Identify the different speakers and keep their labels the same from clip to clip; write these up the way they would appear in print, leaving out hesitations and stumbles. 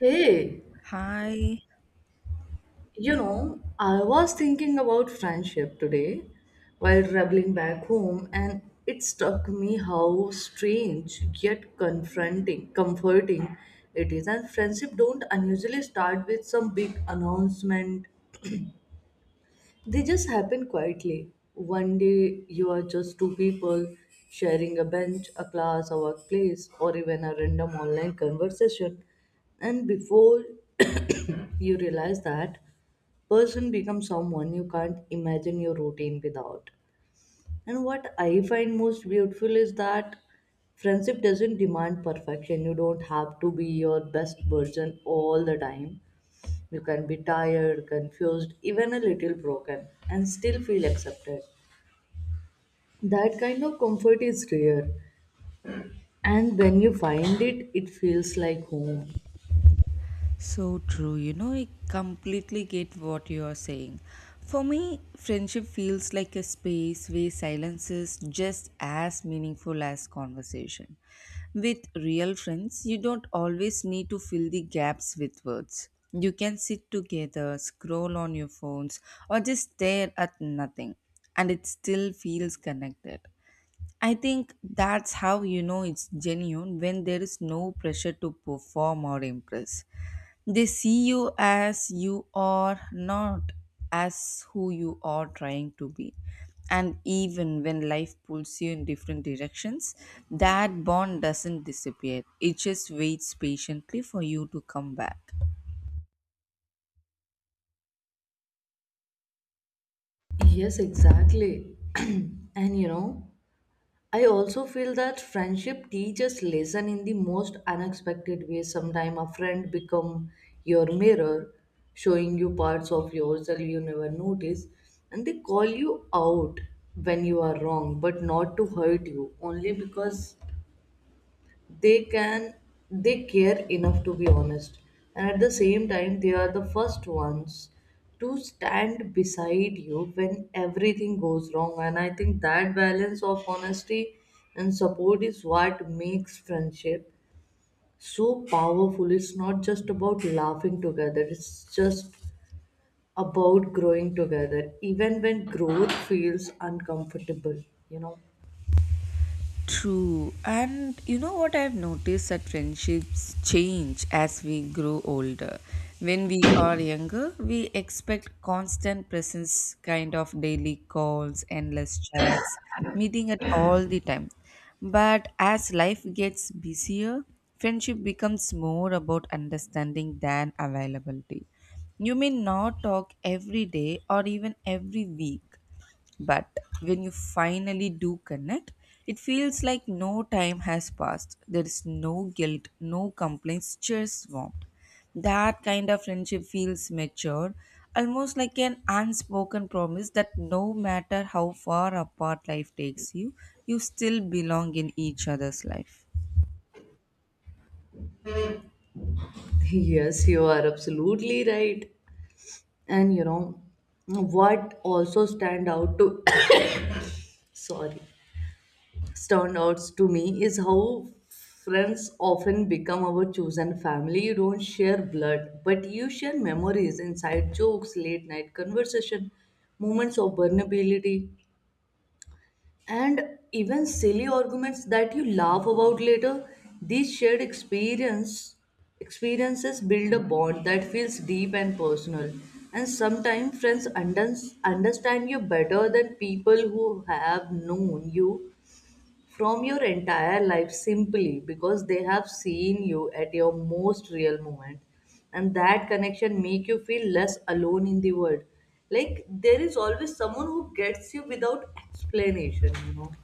Speaker 1: Hey,
Speaker 2: Hi,
Speaker 1: I was thinking about friendship today while traveling back home, and it struck me how strange yet comforting it is. And friendship don't unusually start with some big announcement. They just happen quietly. One day you are just two people sharing a bench, a class, a workplace, or even a random online conversation. And before you realize that, person becomes someone you can't imagine your routine without. And what I find most beautiful is that friendship doesn't demand perfection. You don't have to be your best version all the time. You can be tired, confused, even a little broken, and still feel accepted. That kind of comfort is rare, and when you find it, it feels like home.
Speaker 2: so true. You know, I completely get what you are saying. For me, friendship feels like a space where silence is just as meaningful as conversation. With real friends, you don't always need to fill the gaps with words. You can sit together, scroll on your phones, or just stare at nothing, and it still feels connected. I think that's how you know it's genuine when there is no pressure to perform or impress. They see you as you are, not as who you are trying to be. And even when life pulls you in different directions, that bond doesn't disappear. It just waits patiently for you to come back.
Speaker 1: Yes, exactly. And I also feel that friendship teaches lesson in the most unexpected way. Sometimes a friend become your mirror, showing you parts of yourself you never notice, and they call you out when you are wrong, but not to hurt you, only because they can they care enough to be honest, and at the same time they are the first ones to stand beside you when everything goes wrong. And I think that balance of honesty and support is what makes friendship so powerful. It's not just about laughing together, it's just about growing together, even when growth feels uncomfortable, you know.
Speaker 2: True. And you know what I've noticed that friendships change as we grow older. When we are younger, we expect constant presence, kind of daily calls, endless chats, meeting at all the time. But as life gets busier, friendship becomes more about understanding than availability. You may not talk every day or even every week, but when you finally do connect, it feels like no time has passed. There is no guilt, no complaints, just warmth. That kind of friendship feels mature, almost like an unspoken promise that no matter how far apart life takes you, you still belong in each other's life.
Speaker 1: Yes, you are absolutely right. And you know what, also stand out to sorry stand out to me is how friends often become our chosen family. You don't share blood, but you share memories, inside jokes, late night conversation, moments of vulnerability, and even silly arguments that you laugh about later. These shared experiences build a bond that feels deep and personal. And sometimes friends understand you better than people who have known you from your entire life, simply because they have seen you at your most real moment, and that connection make you feel less alone in the world, like there is always someone who gets you without explanation, you know.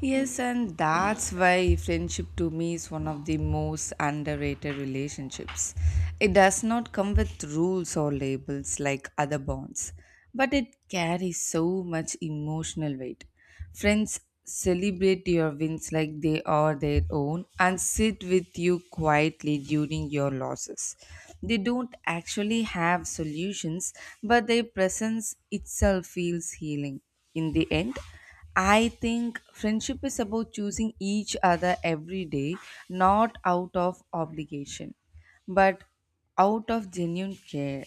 Speaker 2: Yes, and that's why friendship to me is one of the most underrated relationships. It does not come with rules or labels like other bonds, but it carries so much emotional weight. Friends celebrate your wins like they are their own and sit with you quietly during your losses. They don't actually have solutions, but their presence itself feels healing. In the end, I think friendship is about choosing each other every day, not out of obligation, but out of genuine care.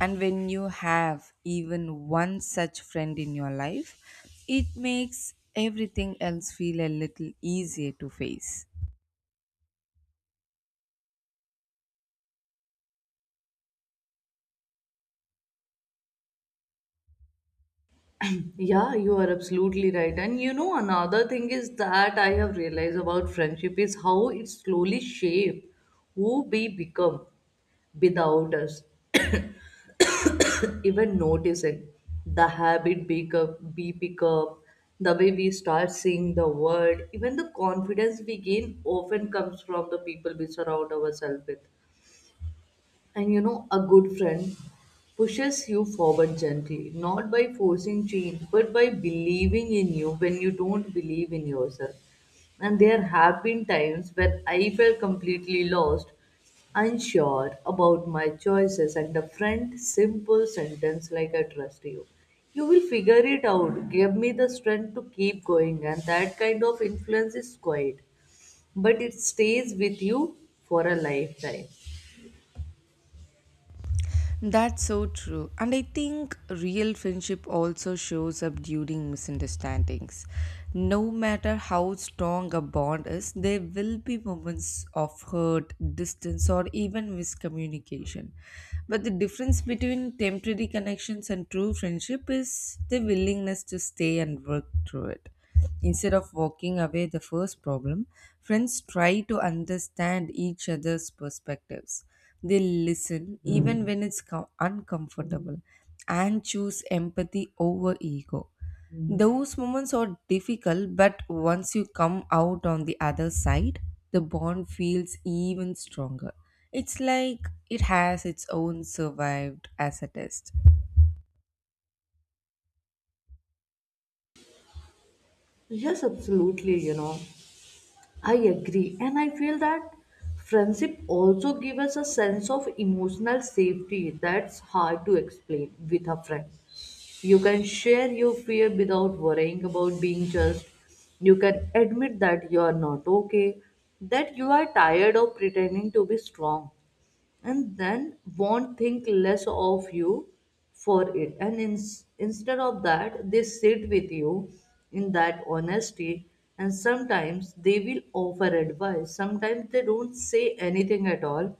Speaker 2: And when you have even one such friend in your life, it makes everything else feel a little easier to face.
Speaker 1: Yeah, you are absolutely right. And you know, another thing is that I have realized about friendship is how it slowly shape who we become without us even noticing. The habit pick up, we pick up, the way we start seeing the world, even the confidence we gain often comes from the people we surround ourselves with. And you know, a good friend pushes you forward gently, not by forcing change, but by believing in you when you don't believe in yourself. And there have been times when I felt completely lost, unsure about my choices, and a friend simple sentence like I trust you. You will figure it out. Give me the strength to keep going, and that kind of influence is quiet, but it stays with you for a lifetime.
Speaker 2: That's so true. And I think real friendship also shows up during misunderstandings. No matter how strong a bond is, there will be moments of hurt, distance, or even miscommunication. But the difference between temporary connections and true friendship is the willingness to stay and work through it. Instead of walking away the first problem, friends try to understand each other's perspectives. They listen even when it's uncomfortable and choose empathy over ego. Those moments are difficult, but once you come out on the other side, the bond feels even stronger. It's like it has its own survived as a test.
Speaker 1: Yes, absolutely. You know, I agree. And I feel that friendship also gives us a sense of emotional safety that's hard to explain. With a friend, you can share your fear without worrying about being judged. You can admit that you are not okay, that you are tired of pretending to be strong, and then won't think less of you for it. And instead of that, they sit with you in that honesty, and sometimes they will offer advice, sometimes they don't say anything at all,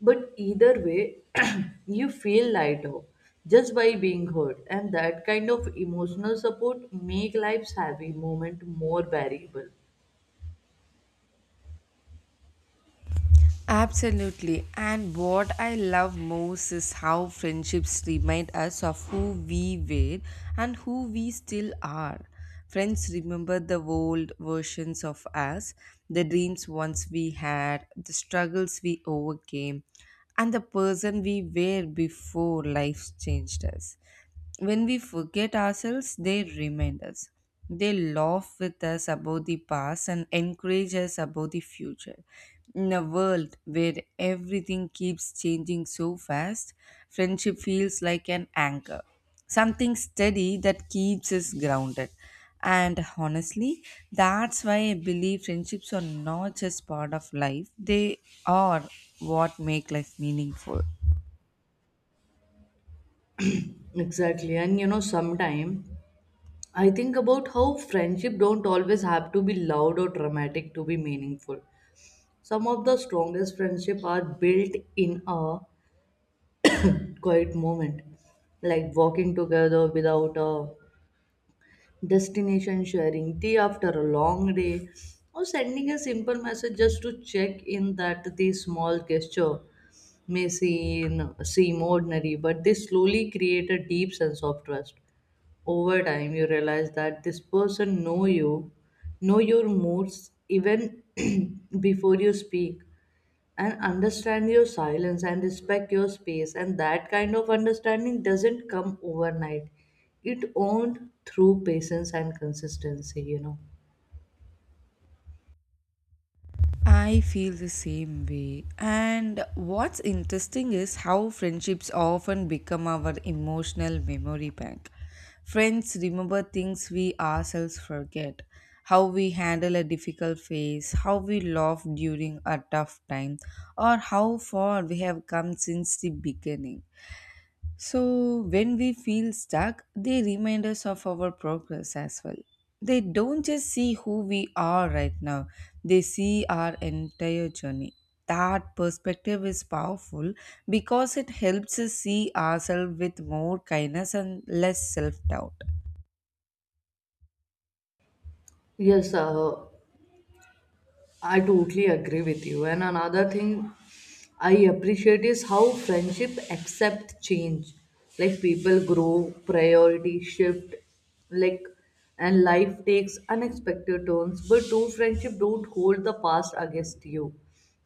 Speaker 1: but either way, you feel lighter just by being heard. And that kind of emotional support make life's heavy moment more bearable.
Speaker 2: Absolutely. And what I love most is how friendships remind us of who we were and who we still are. Friends remember the old versions of us, the dreams once we had, the struggles we overcame, and the person we were before life changed us. When we forget ourselves, they remind us. They laugh with us about the past and encourage us about the future. In a world where everything keeps changing so fast, friendship feels like an anchor, something steady that keeps us grounded. And honestly, that's why I believe friendships are not just part of life, they are what make life meaningful.
Speaker 1: Exactly. And you know, sometime I think about how friendship don't always have to be loud or dramatic to be meaningful. Some of the strongest friendship are built in a quiet moment, like walking together without a destination, sharing tea after a long day, or sending a simple message just to check in. That the small gesture may seem ordinary, but they slowly create a deep sense of trust. Over time you realize that this person know your moods, even before you speak, and understand your silence, and respect your space. And that kind of understanding doesn't come overnight, it owned through patience and consistency, you know.
Speaker 2: I feel the same way. And what's interesting is how friendships often become our emotional memory bank. Friends remember things we ourselves forget, how we handle a difficult phase, how we laugh during a tough time, or how far we have come since the beginning. So, when we feel stuck, they remind us of our progress as well. They don't just see who we are right now, they see our entire journey. That perspective is powerful because it helps us see ourselves with more kindness and less self doubt.
Speaker 1: Yes, I totally agree with you. And another thing I appreciate is how friendship accept change. Like people grow, priority shift, like, and life takes unexpected turns. But true friendship don't hold the past against you.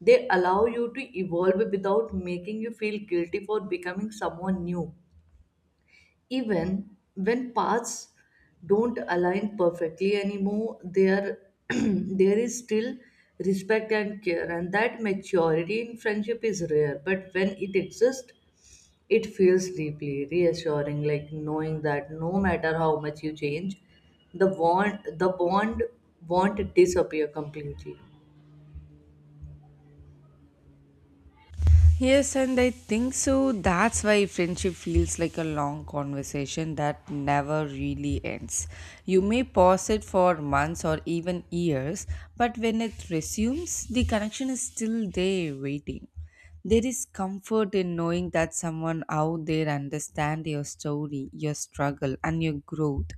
Speaker 1: They allow you to evolve without making you feel guilty for becoming someone new. Even when paths don't align perfectly anymore, there there is still respect and care. And that maturity in friendship is rare, but when it exists it feels deeply reassuring, like knowing that no matter how much you change, the bond won't disappear completely.
Speaker 2: Yes, and I think so. That's why friendship feels like a long conversation that never really ends. You may pause it for months or even years, but when it resumes, the connection is still there waiting. There is comfort in knowing that someone out there understands your story, your struggle, and your growth.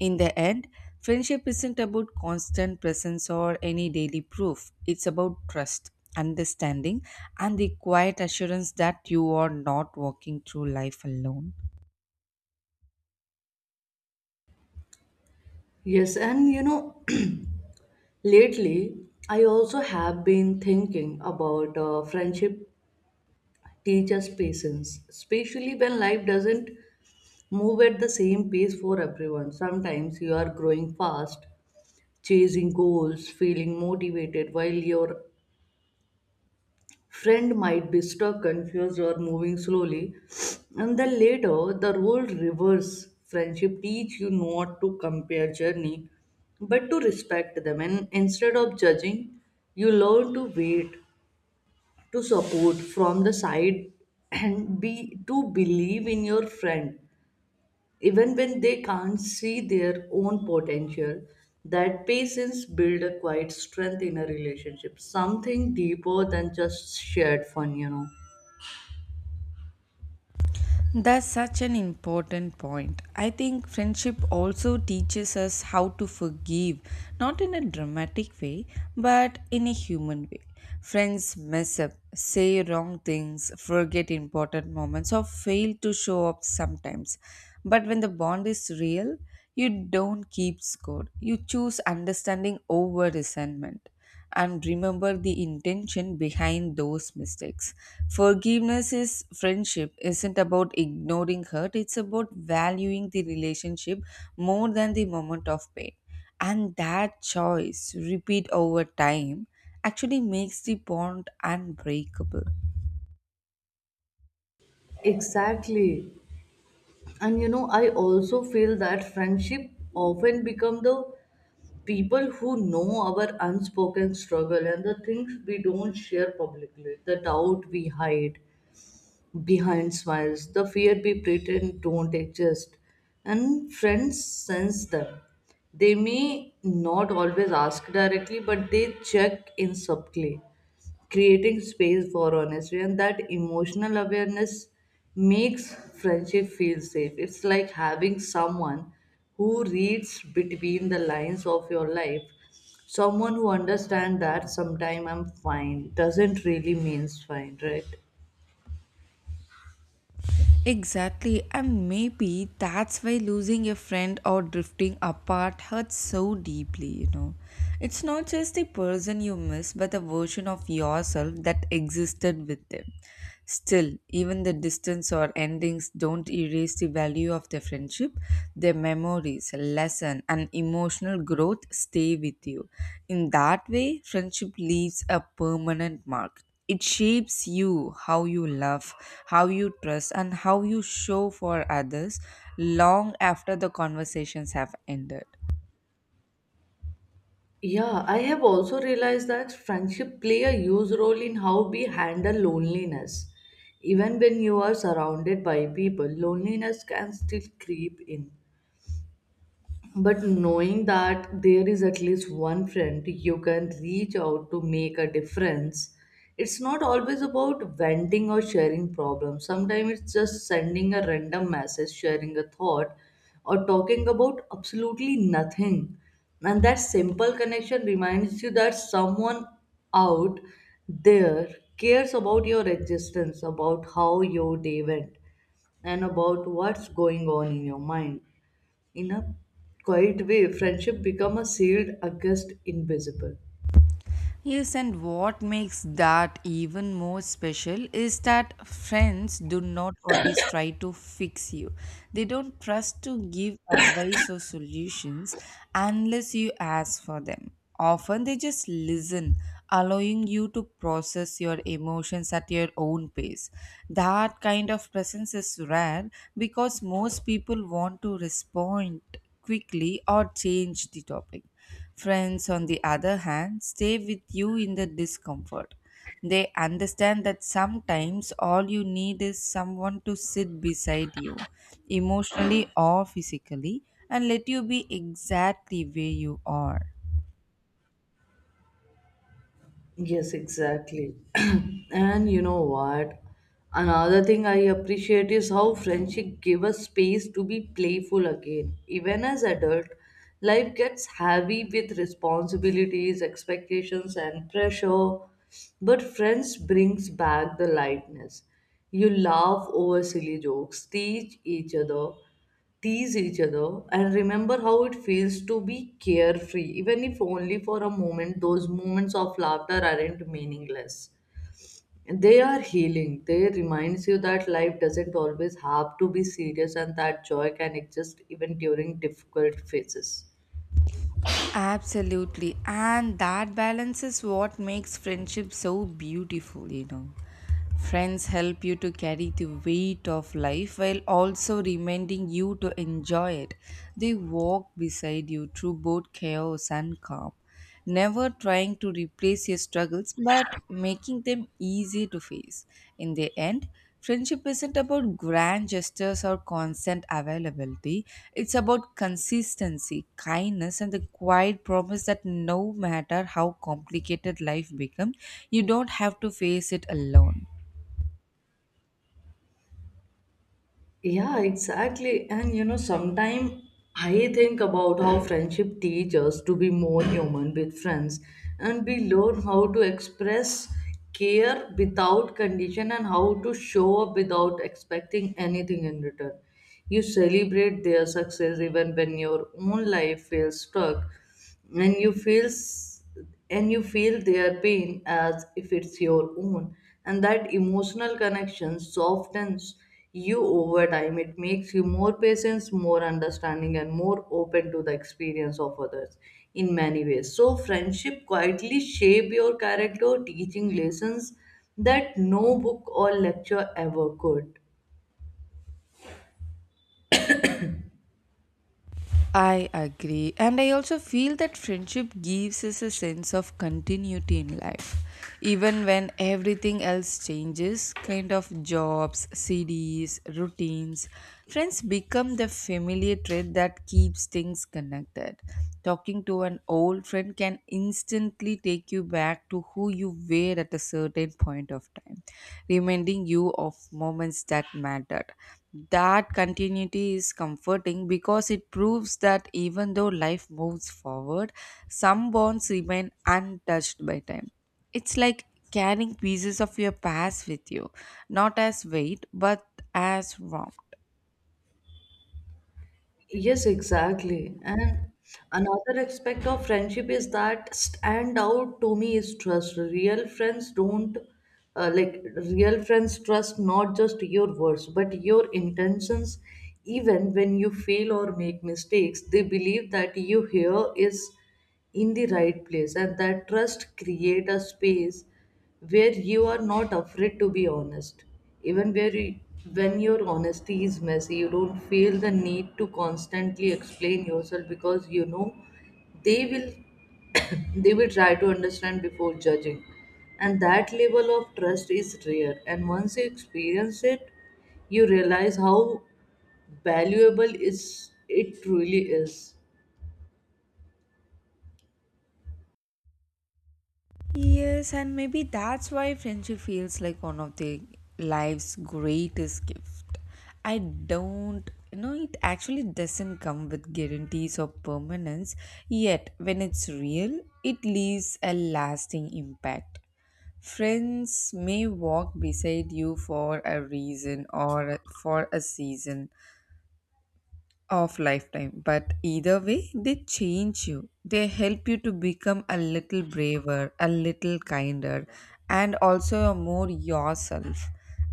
Speaker 2: In the end, friendship isn't about constant presence or any daily proof. It's about trust, understanding, and the quiet assurance that you are not walking through life alone.
Speaker 1: Yes, and you know, lately I also have been thinking about friendship teach us patience, especially when life doesn't move at the same pace for everyone. Sometimes you are growing fast, chasing goals, feeling motivated, while your friend might be stuck, confused, or moving slowly. And then later, the role reverse. Friendship teach you not to compare journey, but to respect them. And instead of judging, you learn to wait, to support from the side, and be to believe in your friend even when they can't see their own potential. That patience build a quiet strength in a relationship, something deeper than just shared fun, you know.
Speaker 2: That's such an important point. I think friendship also teaches us how to forgive, not in a dramatic way, but in a human way. Friends mess up, say wrong things, forget important moments, or fail to show up sometimes. But when the bond is real, you don't keep score. You choose understanding over resentment and remember the intention behind those mistakes. Forgiveness is friendship isn't about ignoring hurt, it's about valuing the relationship more than the moment of pain. And that choice, repeat over time, actually makes the bond unbreakable.
Speaker 1: Exactly. And you know, I also feel that friendship often become the people who know our unspoken struggle and the things we don't share publicly, the doubt we hide behind smiles, the fear we pretend don't exist, and friends sense them. They may not always ask directly, but they check in subtly, creating space for honesty. And that emotional awareness makes friendship feel safe. It's like having someone who reads between the lines of your life. Someone who understands that sometime I'm fine doesn't really means fine, right?
Speaker 2: Exactly, and maybe that's why losing a friend or drifting apart hurts so deeply, you know. It's not just the person you miss, but the version of yourself that existed with them. Still, even the distance or endings don't erase the value of the friendship. Their memories, lesson, and emotional growth stay with you. In that way, friendship leaves a permanent mark. It shapes you how you love, how you trust, and how you show for others long after the conversations have ended.
Speaker 1: Yeah, I have also realized that friendship play a huge role in how we handle loneliness. Even when you are surrounded by people, loneliness can still creep in. But knowing that there is at least one friend you can reach out to make a difference. It's not always about venting or sharing problems. Sometimes it's just sending a random message, sharing a thought, or talking about absolutely nothing. And that simple connection reminds you that someone out there cares about your existence, about how your day went, and about what's going on in your mind. In a quiet way, friendship become a sealed against invisible.
Speaker 2: Yes, and what makes that even more special is that friends do not always try to fix you. They don't trust to give advice or solutions unless you ask for them. Often they just listen, allowing you to process your emotions at your own pace. That kind of presence is rare because most people want to respond quickly or change the topic. Friends, on the other hand, stay with you in the discomfort. They understand that sometimes all you need is someone to sit beside you, emotionally or physically, and let you be exactly where you are.
Speaker 1: Yes, exactly. And you know what? Another thing I appreciate is how friendship give us space to be playful again. Even as adult, life gets heavy with responsibilities, expectations, and pressure. But friends brings back the lightness. You laugh over silly jokes, teach each other, tease each other, and remember how it feels to be carefree, even if only for a moment. Those moments of laughter aren't meaningless. They are healing. They reminds you that life doesn't always have to be serious, and that joy can exist even during difficult phases.
Speaker 2: Absolutely, and that balance is what makes friendship so beautiful, you know. Friends help you to carry the weight of life while also reminding you to enjoy it. They walk beside you through both chaos and calm, never trying to replace your struggles but making them easy to face. In the end, friendship isn't about grand gestures or constant availability, it's about consistency, kindness, and the quiet promise that no matter how complicated life becomes, you don't have to face it alone.
Speaker 1: Yeah, exactly. And sometimes I think about how friendship teaches us to be more human. With friends, and we learn how to express care without condition, and how to show up without expecting anything in return. You celebrate their success even when your own life feels stuck, and you feel and you feel their pain as if it's your own. And that emotional connection softens you over time. It makes you more patient, more understanding, and more open to the experience of others. In many ways, so friendship quietly shape your character, teaching lessons that no book or lecture ever could.
Speaker 2: I agree, and I also feel that friendship gives us a sense of continuity in life. Even when everything else changes, kind of jobs, cities, routines, friends become the familiar thread that keeps things connected. Talking to an old friend can instantly take you back to who you were at a certain point of time, reminding you of moments that mattered. That continuity is comforting because it proves that even though life moves forward, some bonds remain untouched by time. It's like carrying pieces of your past with you, not as weight, but as warmth.
Speaker 1: Yes, exactly. And another aspect of friendship is that stand out to me is trust. Real friends don't like real friends trust not just your words but your intentions. Even when you fail or make mistakes, they believe that you here is in the right place. And that trust create a space where you are not afraid to be honest, even when your honesty is messy. You don't feel the need to constantly explain yourself, because you know they will they will try to understand before judging. And that level of trust is rare, and once you experience it, you realize how valuable is it truly is.
Speaker 2: Yes, and maybe that's why friendship feels like one of the life's greatest gift. I don't you know it actually doesn't come with guarantees or permanence, yet when it's real, it leaves a lasting impact. Friends may walk beside you for a reason or for a season, of lifetime. But either way, they change you. They help you to become a little braver, a little kinder, and also more yourself.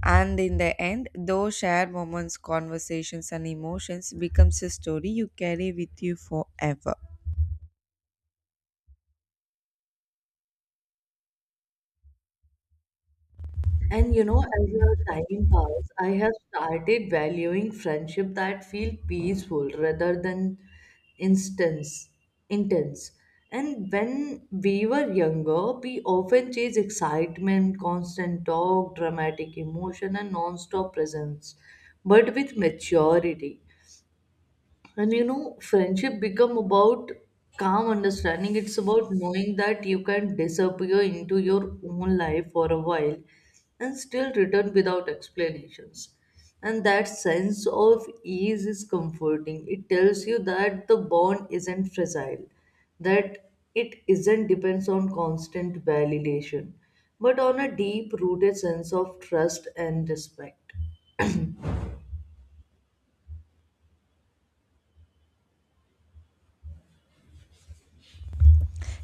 Speaker 2: And in the end, those shared moments, conversations, and emotions becomes a story you carry with you forever.
Speaker 1: And you know, as the time passed, I have started valuing friendship that feel peaceful rather than instance intense. And when we were younger, we often chase excitement, constant talk, dramatic emotion, and non-stop presence. But with maturity, and you know, friendship become about calm understanding. It's about knowing that you can disappear into your own life for a while and still return without explanations. And that sense of ease is comforting. It tells you that the bond isn't fragile, that it isn't depends on constant validation, but on a deep rooted sense of trust and respect.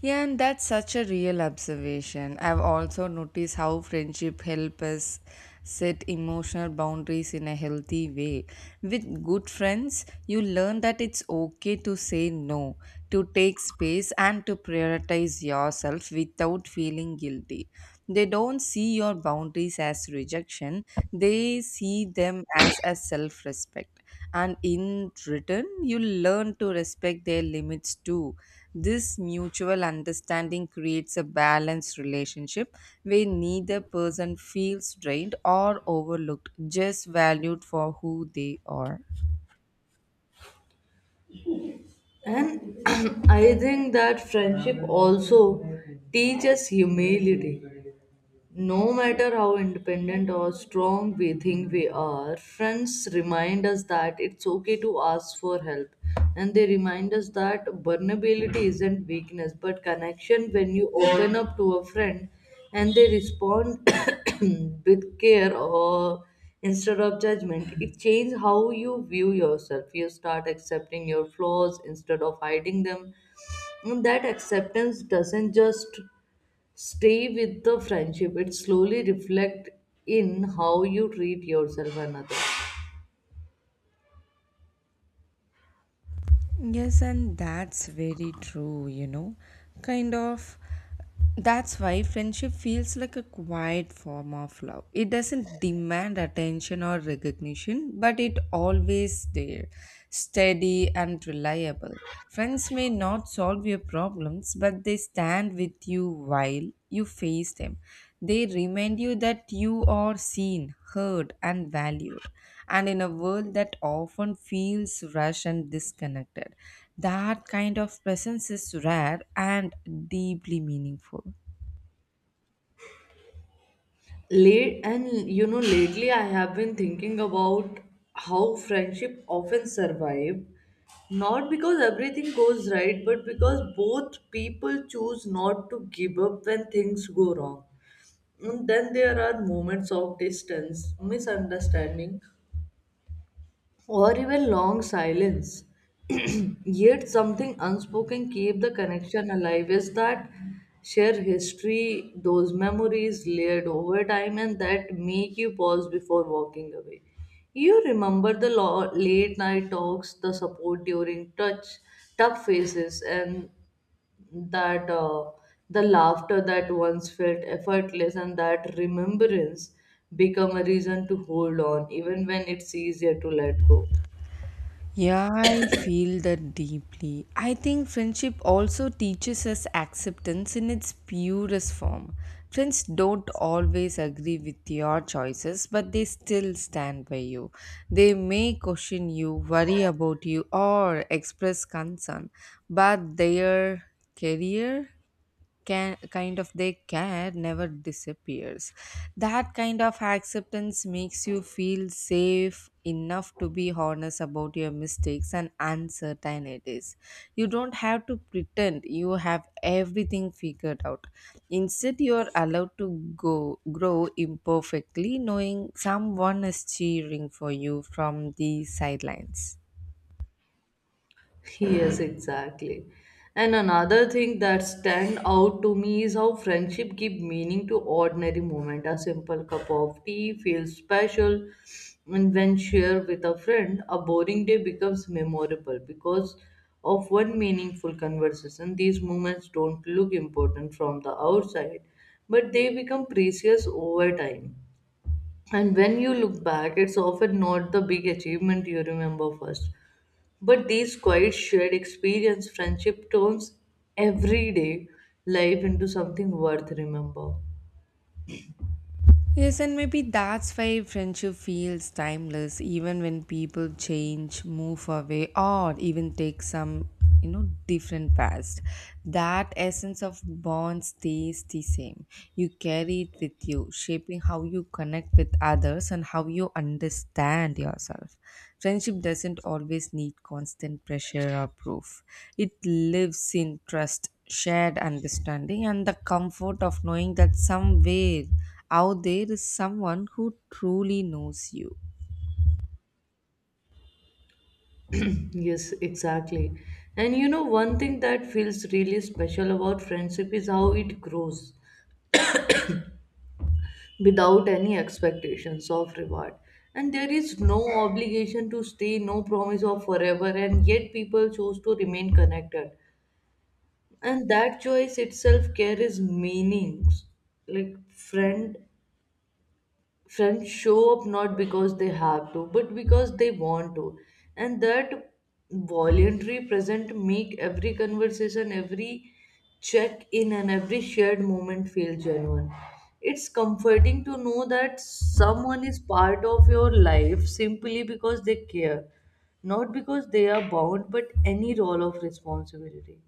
Speaker 2: Yeah, and that's such a real observation. I've also noticed how friendship help us set emotional boundaries in a healthy way. With good friends, you learn that it's okay to say no, to take space, and to prioritize yourself without feeling guilty. They don't see your boundaries as rejection, they see them as a self respect. And in return, you learn to respect their limits too. This mutual understanding creates a balanced relationship where neither person feels drained or overlooked, just valued for who they are.
Speaker 1: And I think that friendship also teaches humility. No matter how independent or strong we think we are, friends remind us that it's okay to ask for help. And they remind us that vulnerability isn't weakness but connection when you open up to a friend and they respond with care or instead of judgment. It changes how you view yourself. You start accepting your flaws instead of hiding them. And that acceptance doesn't just stay with the friendship. It slowly reflect in how you treat yourself and others.
Speaker 2: Yes, and that's very true, you know. Kind of that's why friendship feels like a quiet form of love. It doesn't demand attention or recognition, but it always there, steady and reliable. Friends may not solve your problems, but they stand with you while you face them. They remind you that you are seen, heard, and valued. And in a world that often feels rushed and disconnected, that kind of presence is rare and deeply meaningful.
Speaker 1: Lately I have been thinking about how friendship often survive not because everything goes right, but because both people choose not to give up when things go wrong. And then there are moments of distance, misunderstanding, or even long silence. Yet something unspoken keep the connection alive is that share history, those memories layered over time and that make you pause before walking away. You remember the late night talks, the support during tough phases and that, the laughter that once felt effortless and that remembrance become a reason to hold on even when it's easier to let go.
Speaker 2: Yeah, I feel that deeply. I think friendship also teaches us acceptance in its purest form. Friends don't always agree with your choices, but they still stand by you. They may question you, worry about you, or express concern, but their career care never disappears. That kind of acceptance makes you feel safe enough to be honest about your mistakes and uncertainties. You don't have to pretend you have everything figured out. Instead you are allowed to go grow imperfectly, knowing someone is cheering for you from the sidelines.
Speaker 1: Yes, exactly. And another thing that stand out to me is how friendship give meaning to ordinary moment. A simple cup of tea feels special, and when shared with a friend, a boring day becomes memorable because of one meaningful conversation. These moments don't look important from the outside, but they become precious over time. And when you look back, it's often not the big achievement you remember first, but these quiet shared experience, friendship turns everyday life into something worth remember.
Speaker 2: Yes, and maybe that's why friendship feels timeless, even when people change, move away, or even take some, different paths. That essence of bond stays the same. You carry it with you, shaping how you connect with others and how you understand yourself. Friendship doesn't always need constant pressure or proof, it lives in trust, shared understanding, and the comfort of knowing that somewhere out there is someone who truly knows you.
Speaker 1: Yes, exactly. And you know, one thing that feels really special about friendship is how it grows without any expectations of reward. And there is no obligation to stay, no promise of forever, and yet people choose to remain connected. And that choice itself carries meanings like friends show up not because they have to but because they want to, and that voluntary present make every conversation, every check in, and every shared moment feel genuine. It's comforting to know that someone is part of your life simply because they care, not because they are bound but any role of responsibility.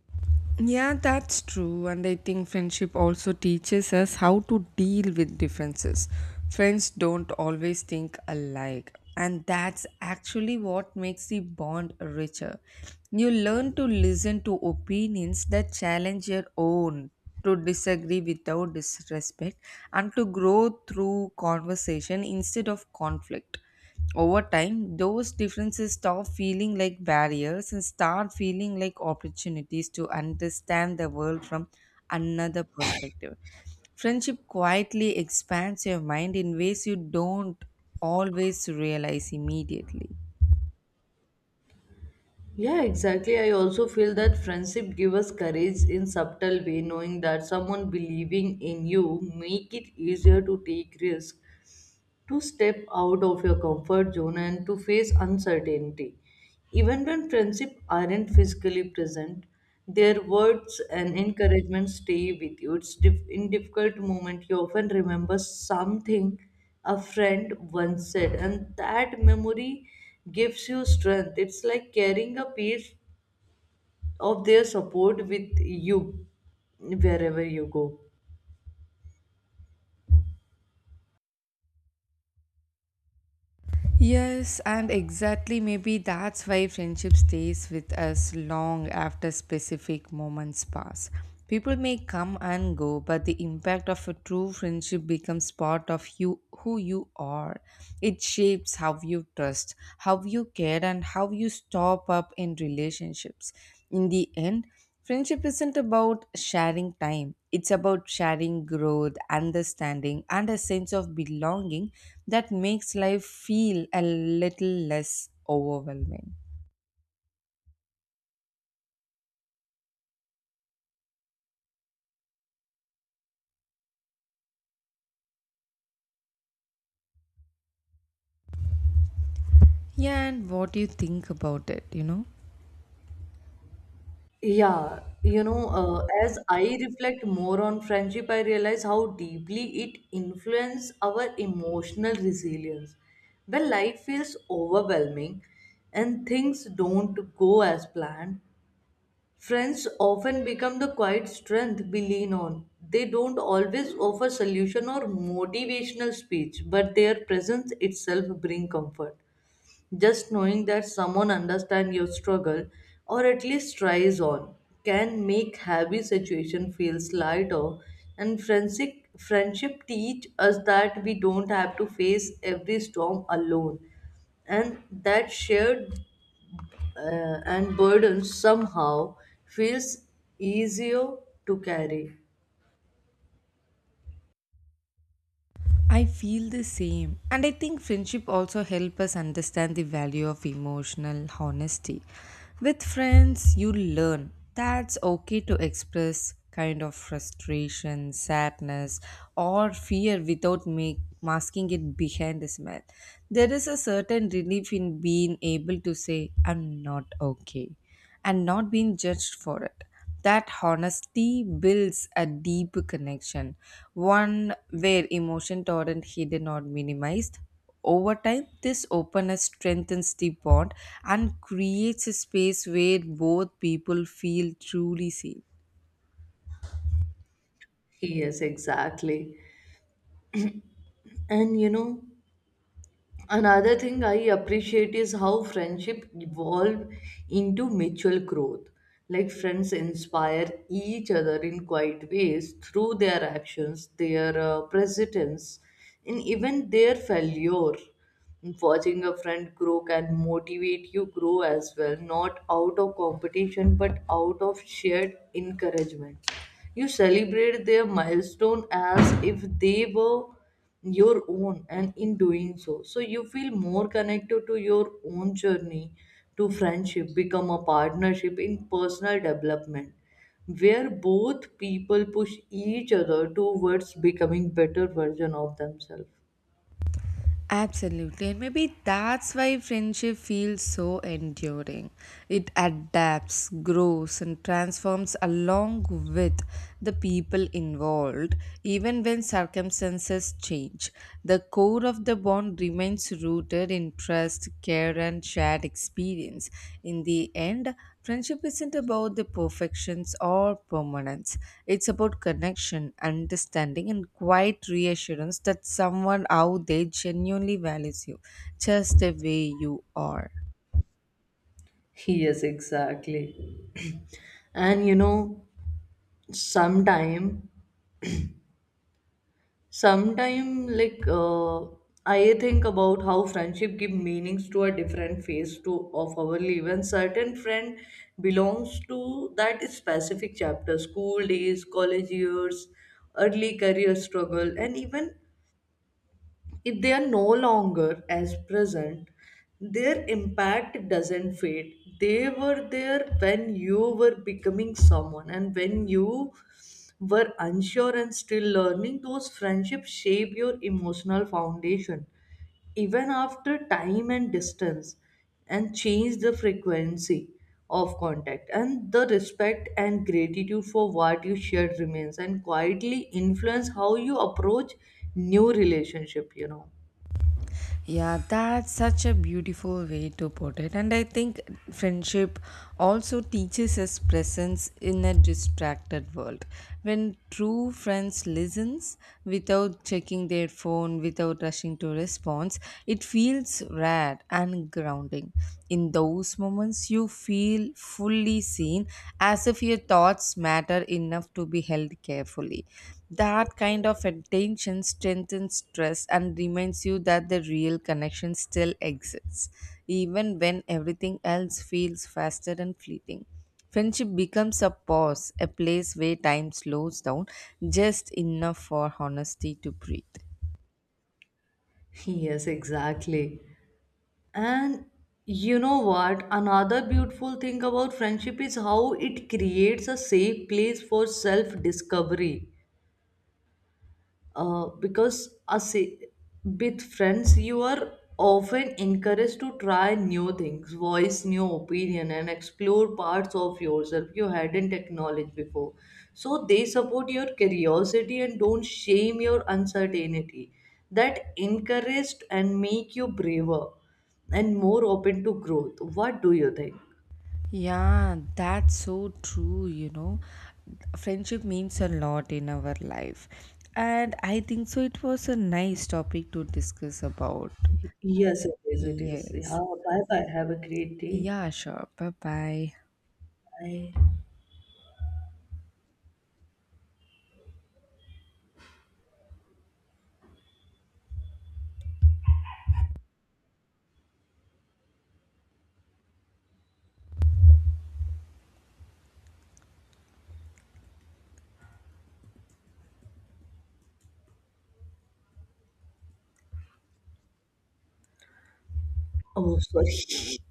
Speaker 2: Yeah, that's true. And I think friendship also teaches us how to deal with differences. Friends don't always think alike, and that's actually what makes the bond richer. You learn to listen to opinions that challenge your own, to disagree without disrespect, and to grow through conversation instead of conflict. Over time, those differences stop feeling like barriers and start feeling like opportunities to understand the world from another perspective. Friendship quietly expands your mind in ways you don't always realize immediately.
Speaker 1: Yeah, exactly. I also feel that friendship give us courage in subtle way, knowing that someone believing in you make it easier to take risk, to step out of your comfort zone and to face uncertainty. Even when friendships aren't physically present, their words and encouragement stay with you. In difficult moment you often remember something a friend once said, and that memory gives you strength. It's like carrying a piece of their support with you wherever you go.
Speaker 2: Yes, and exactly, maybe that's why friendship stays with us long after specific moments pass. People may come and go, but the impact of a true friendship becomes part of you, who you are. It shapes how you trust, how you care, and how you stop up in relationships. In the end, friendship isn't about sharing time. It's about sharing growth, understanding, and a sense of belonging that makes life feel a little less overwhelming. Yeah, and what do you think about it?
Speaker 1: Yeah, you know, as I reflect more on friendship, I realize how deeply it influences our emotional resilience. When life feels overwhelming and things don't go as planned, friends often become the quiet strength we lean on. They don't always offer solution or motivational speech, but their presence itself bring comfort. Just knowing that someone understands your struggle or at least tries on can make heavy situation feels lighter, and friendship teach us that we don't have to face every storm alone, and that shared and burden somehow feels easier to carry.
Speaker 2: I feel the same. And I think friendship also help us understand the value of emotional honesty. With friends, you learn that's okay to express kind of frustration, sadness, or fear without masking it behind a smile. There is a certain relief in being able to say, I'm not okay, and not being judged for it. That honesty builds a deep connection, one where emotions aren't hidden or minimized. Over time, this openness strengthens the bond and creates a space where both people feel truly safe.
Speaker 1: Yes, exactly. And you know, another thing I appreciate is how friendship evolve into mutual growth. Like friends inspire each other in quiet ways through their actions, their presence, and even their failure. Watching a friend grow can motivate you grow as well, not out of competition but out of shared encouragement. You celebrate their milestone as if they were your own, and in doing so, you feel more connected to your own journey, to friendship, become a partnership in personal development, where both people push each other towards becoming better version of themselves.
Speaker 2: Absolutely. And maybe that's why friendship feels so enduring. It adapts, grows, and transforms along with the people involved, even when circumstances change. The core of the bond remains rooted in interest, care, and shared experience. In the end, friendship isn't about the perfections or permanence, it's about connection, understanding, and quiet reassurance that someone out there genuinely values you just the way you are.
Speaker 1: Yes, exactly. And you know, sometime sometimes, I think about how friendship give meanings to a different phase to of our life. And certain friend belongs to that specific chapter: school days, college years, early career struggle, and even if they are no longer as present, their impact doesn't fade. They were there when you were becoming someone, and when you were unsure and still learning, those friendships shape your emotional foundation. Even after time and distance and change the frequency of contact, and the respect and gratitude for what you shared remains and quietly influence how you approach new relationship, you know.
Speaker 2: Yeah, that's such a beautiful way to put it. And I think friendship also teaches us presence in a distracted world. When true friends listens without checking their phone, without rushing to response, it feels rare and grounding. In those moments, you feel fully seen, as if your thoughts matter enough to be held carefully. That kind of attention strengthens trust and reminds you that the real connection still exists, even when everything else feels faster and fleeting. Friendship becomes a pause, a place where time slows down just enough for honesty to breathe.
Speaker 1: Yes, exactly. And you know what? Another beautiful thing about friendship is how it creates a safe place for self discovery, because as a- with friends you are often encouraged to try new things, voice new opinion, and explore parts of yourself you hadn't acknowledged before. So they support your curiosity and don't shame your uncertainty, that encouraged and make you braver and more open to growth. What do you think?
Speaker 2: Yeah, that's so true. Friendship means a lot in our life. And I think so, it was a nice topic to discuss about.
Speaker 1: Yes, it is, it is,
Speaker 2: Yes.
Speaker 1: yeah. Bye bye, have a great day.
Speaker 2: Yeah, sure. Bye bye.
Speaker 1: Bye. Oh, sorry.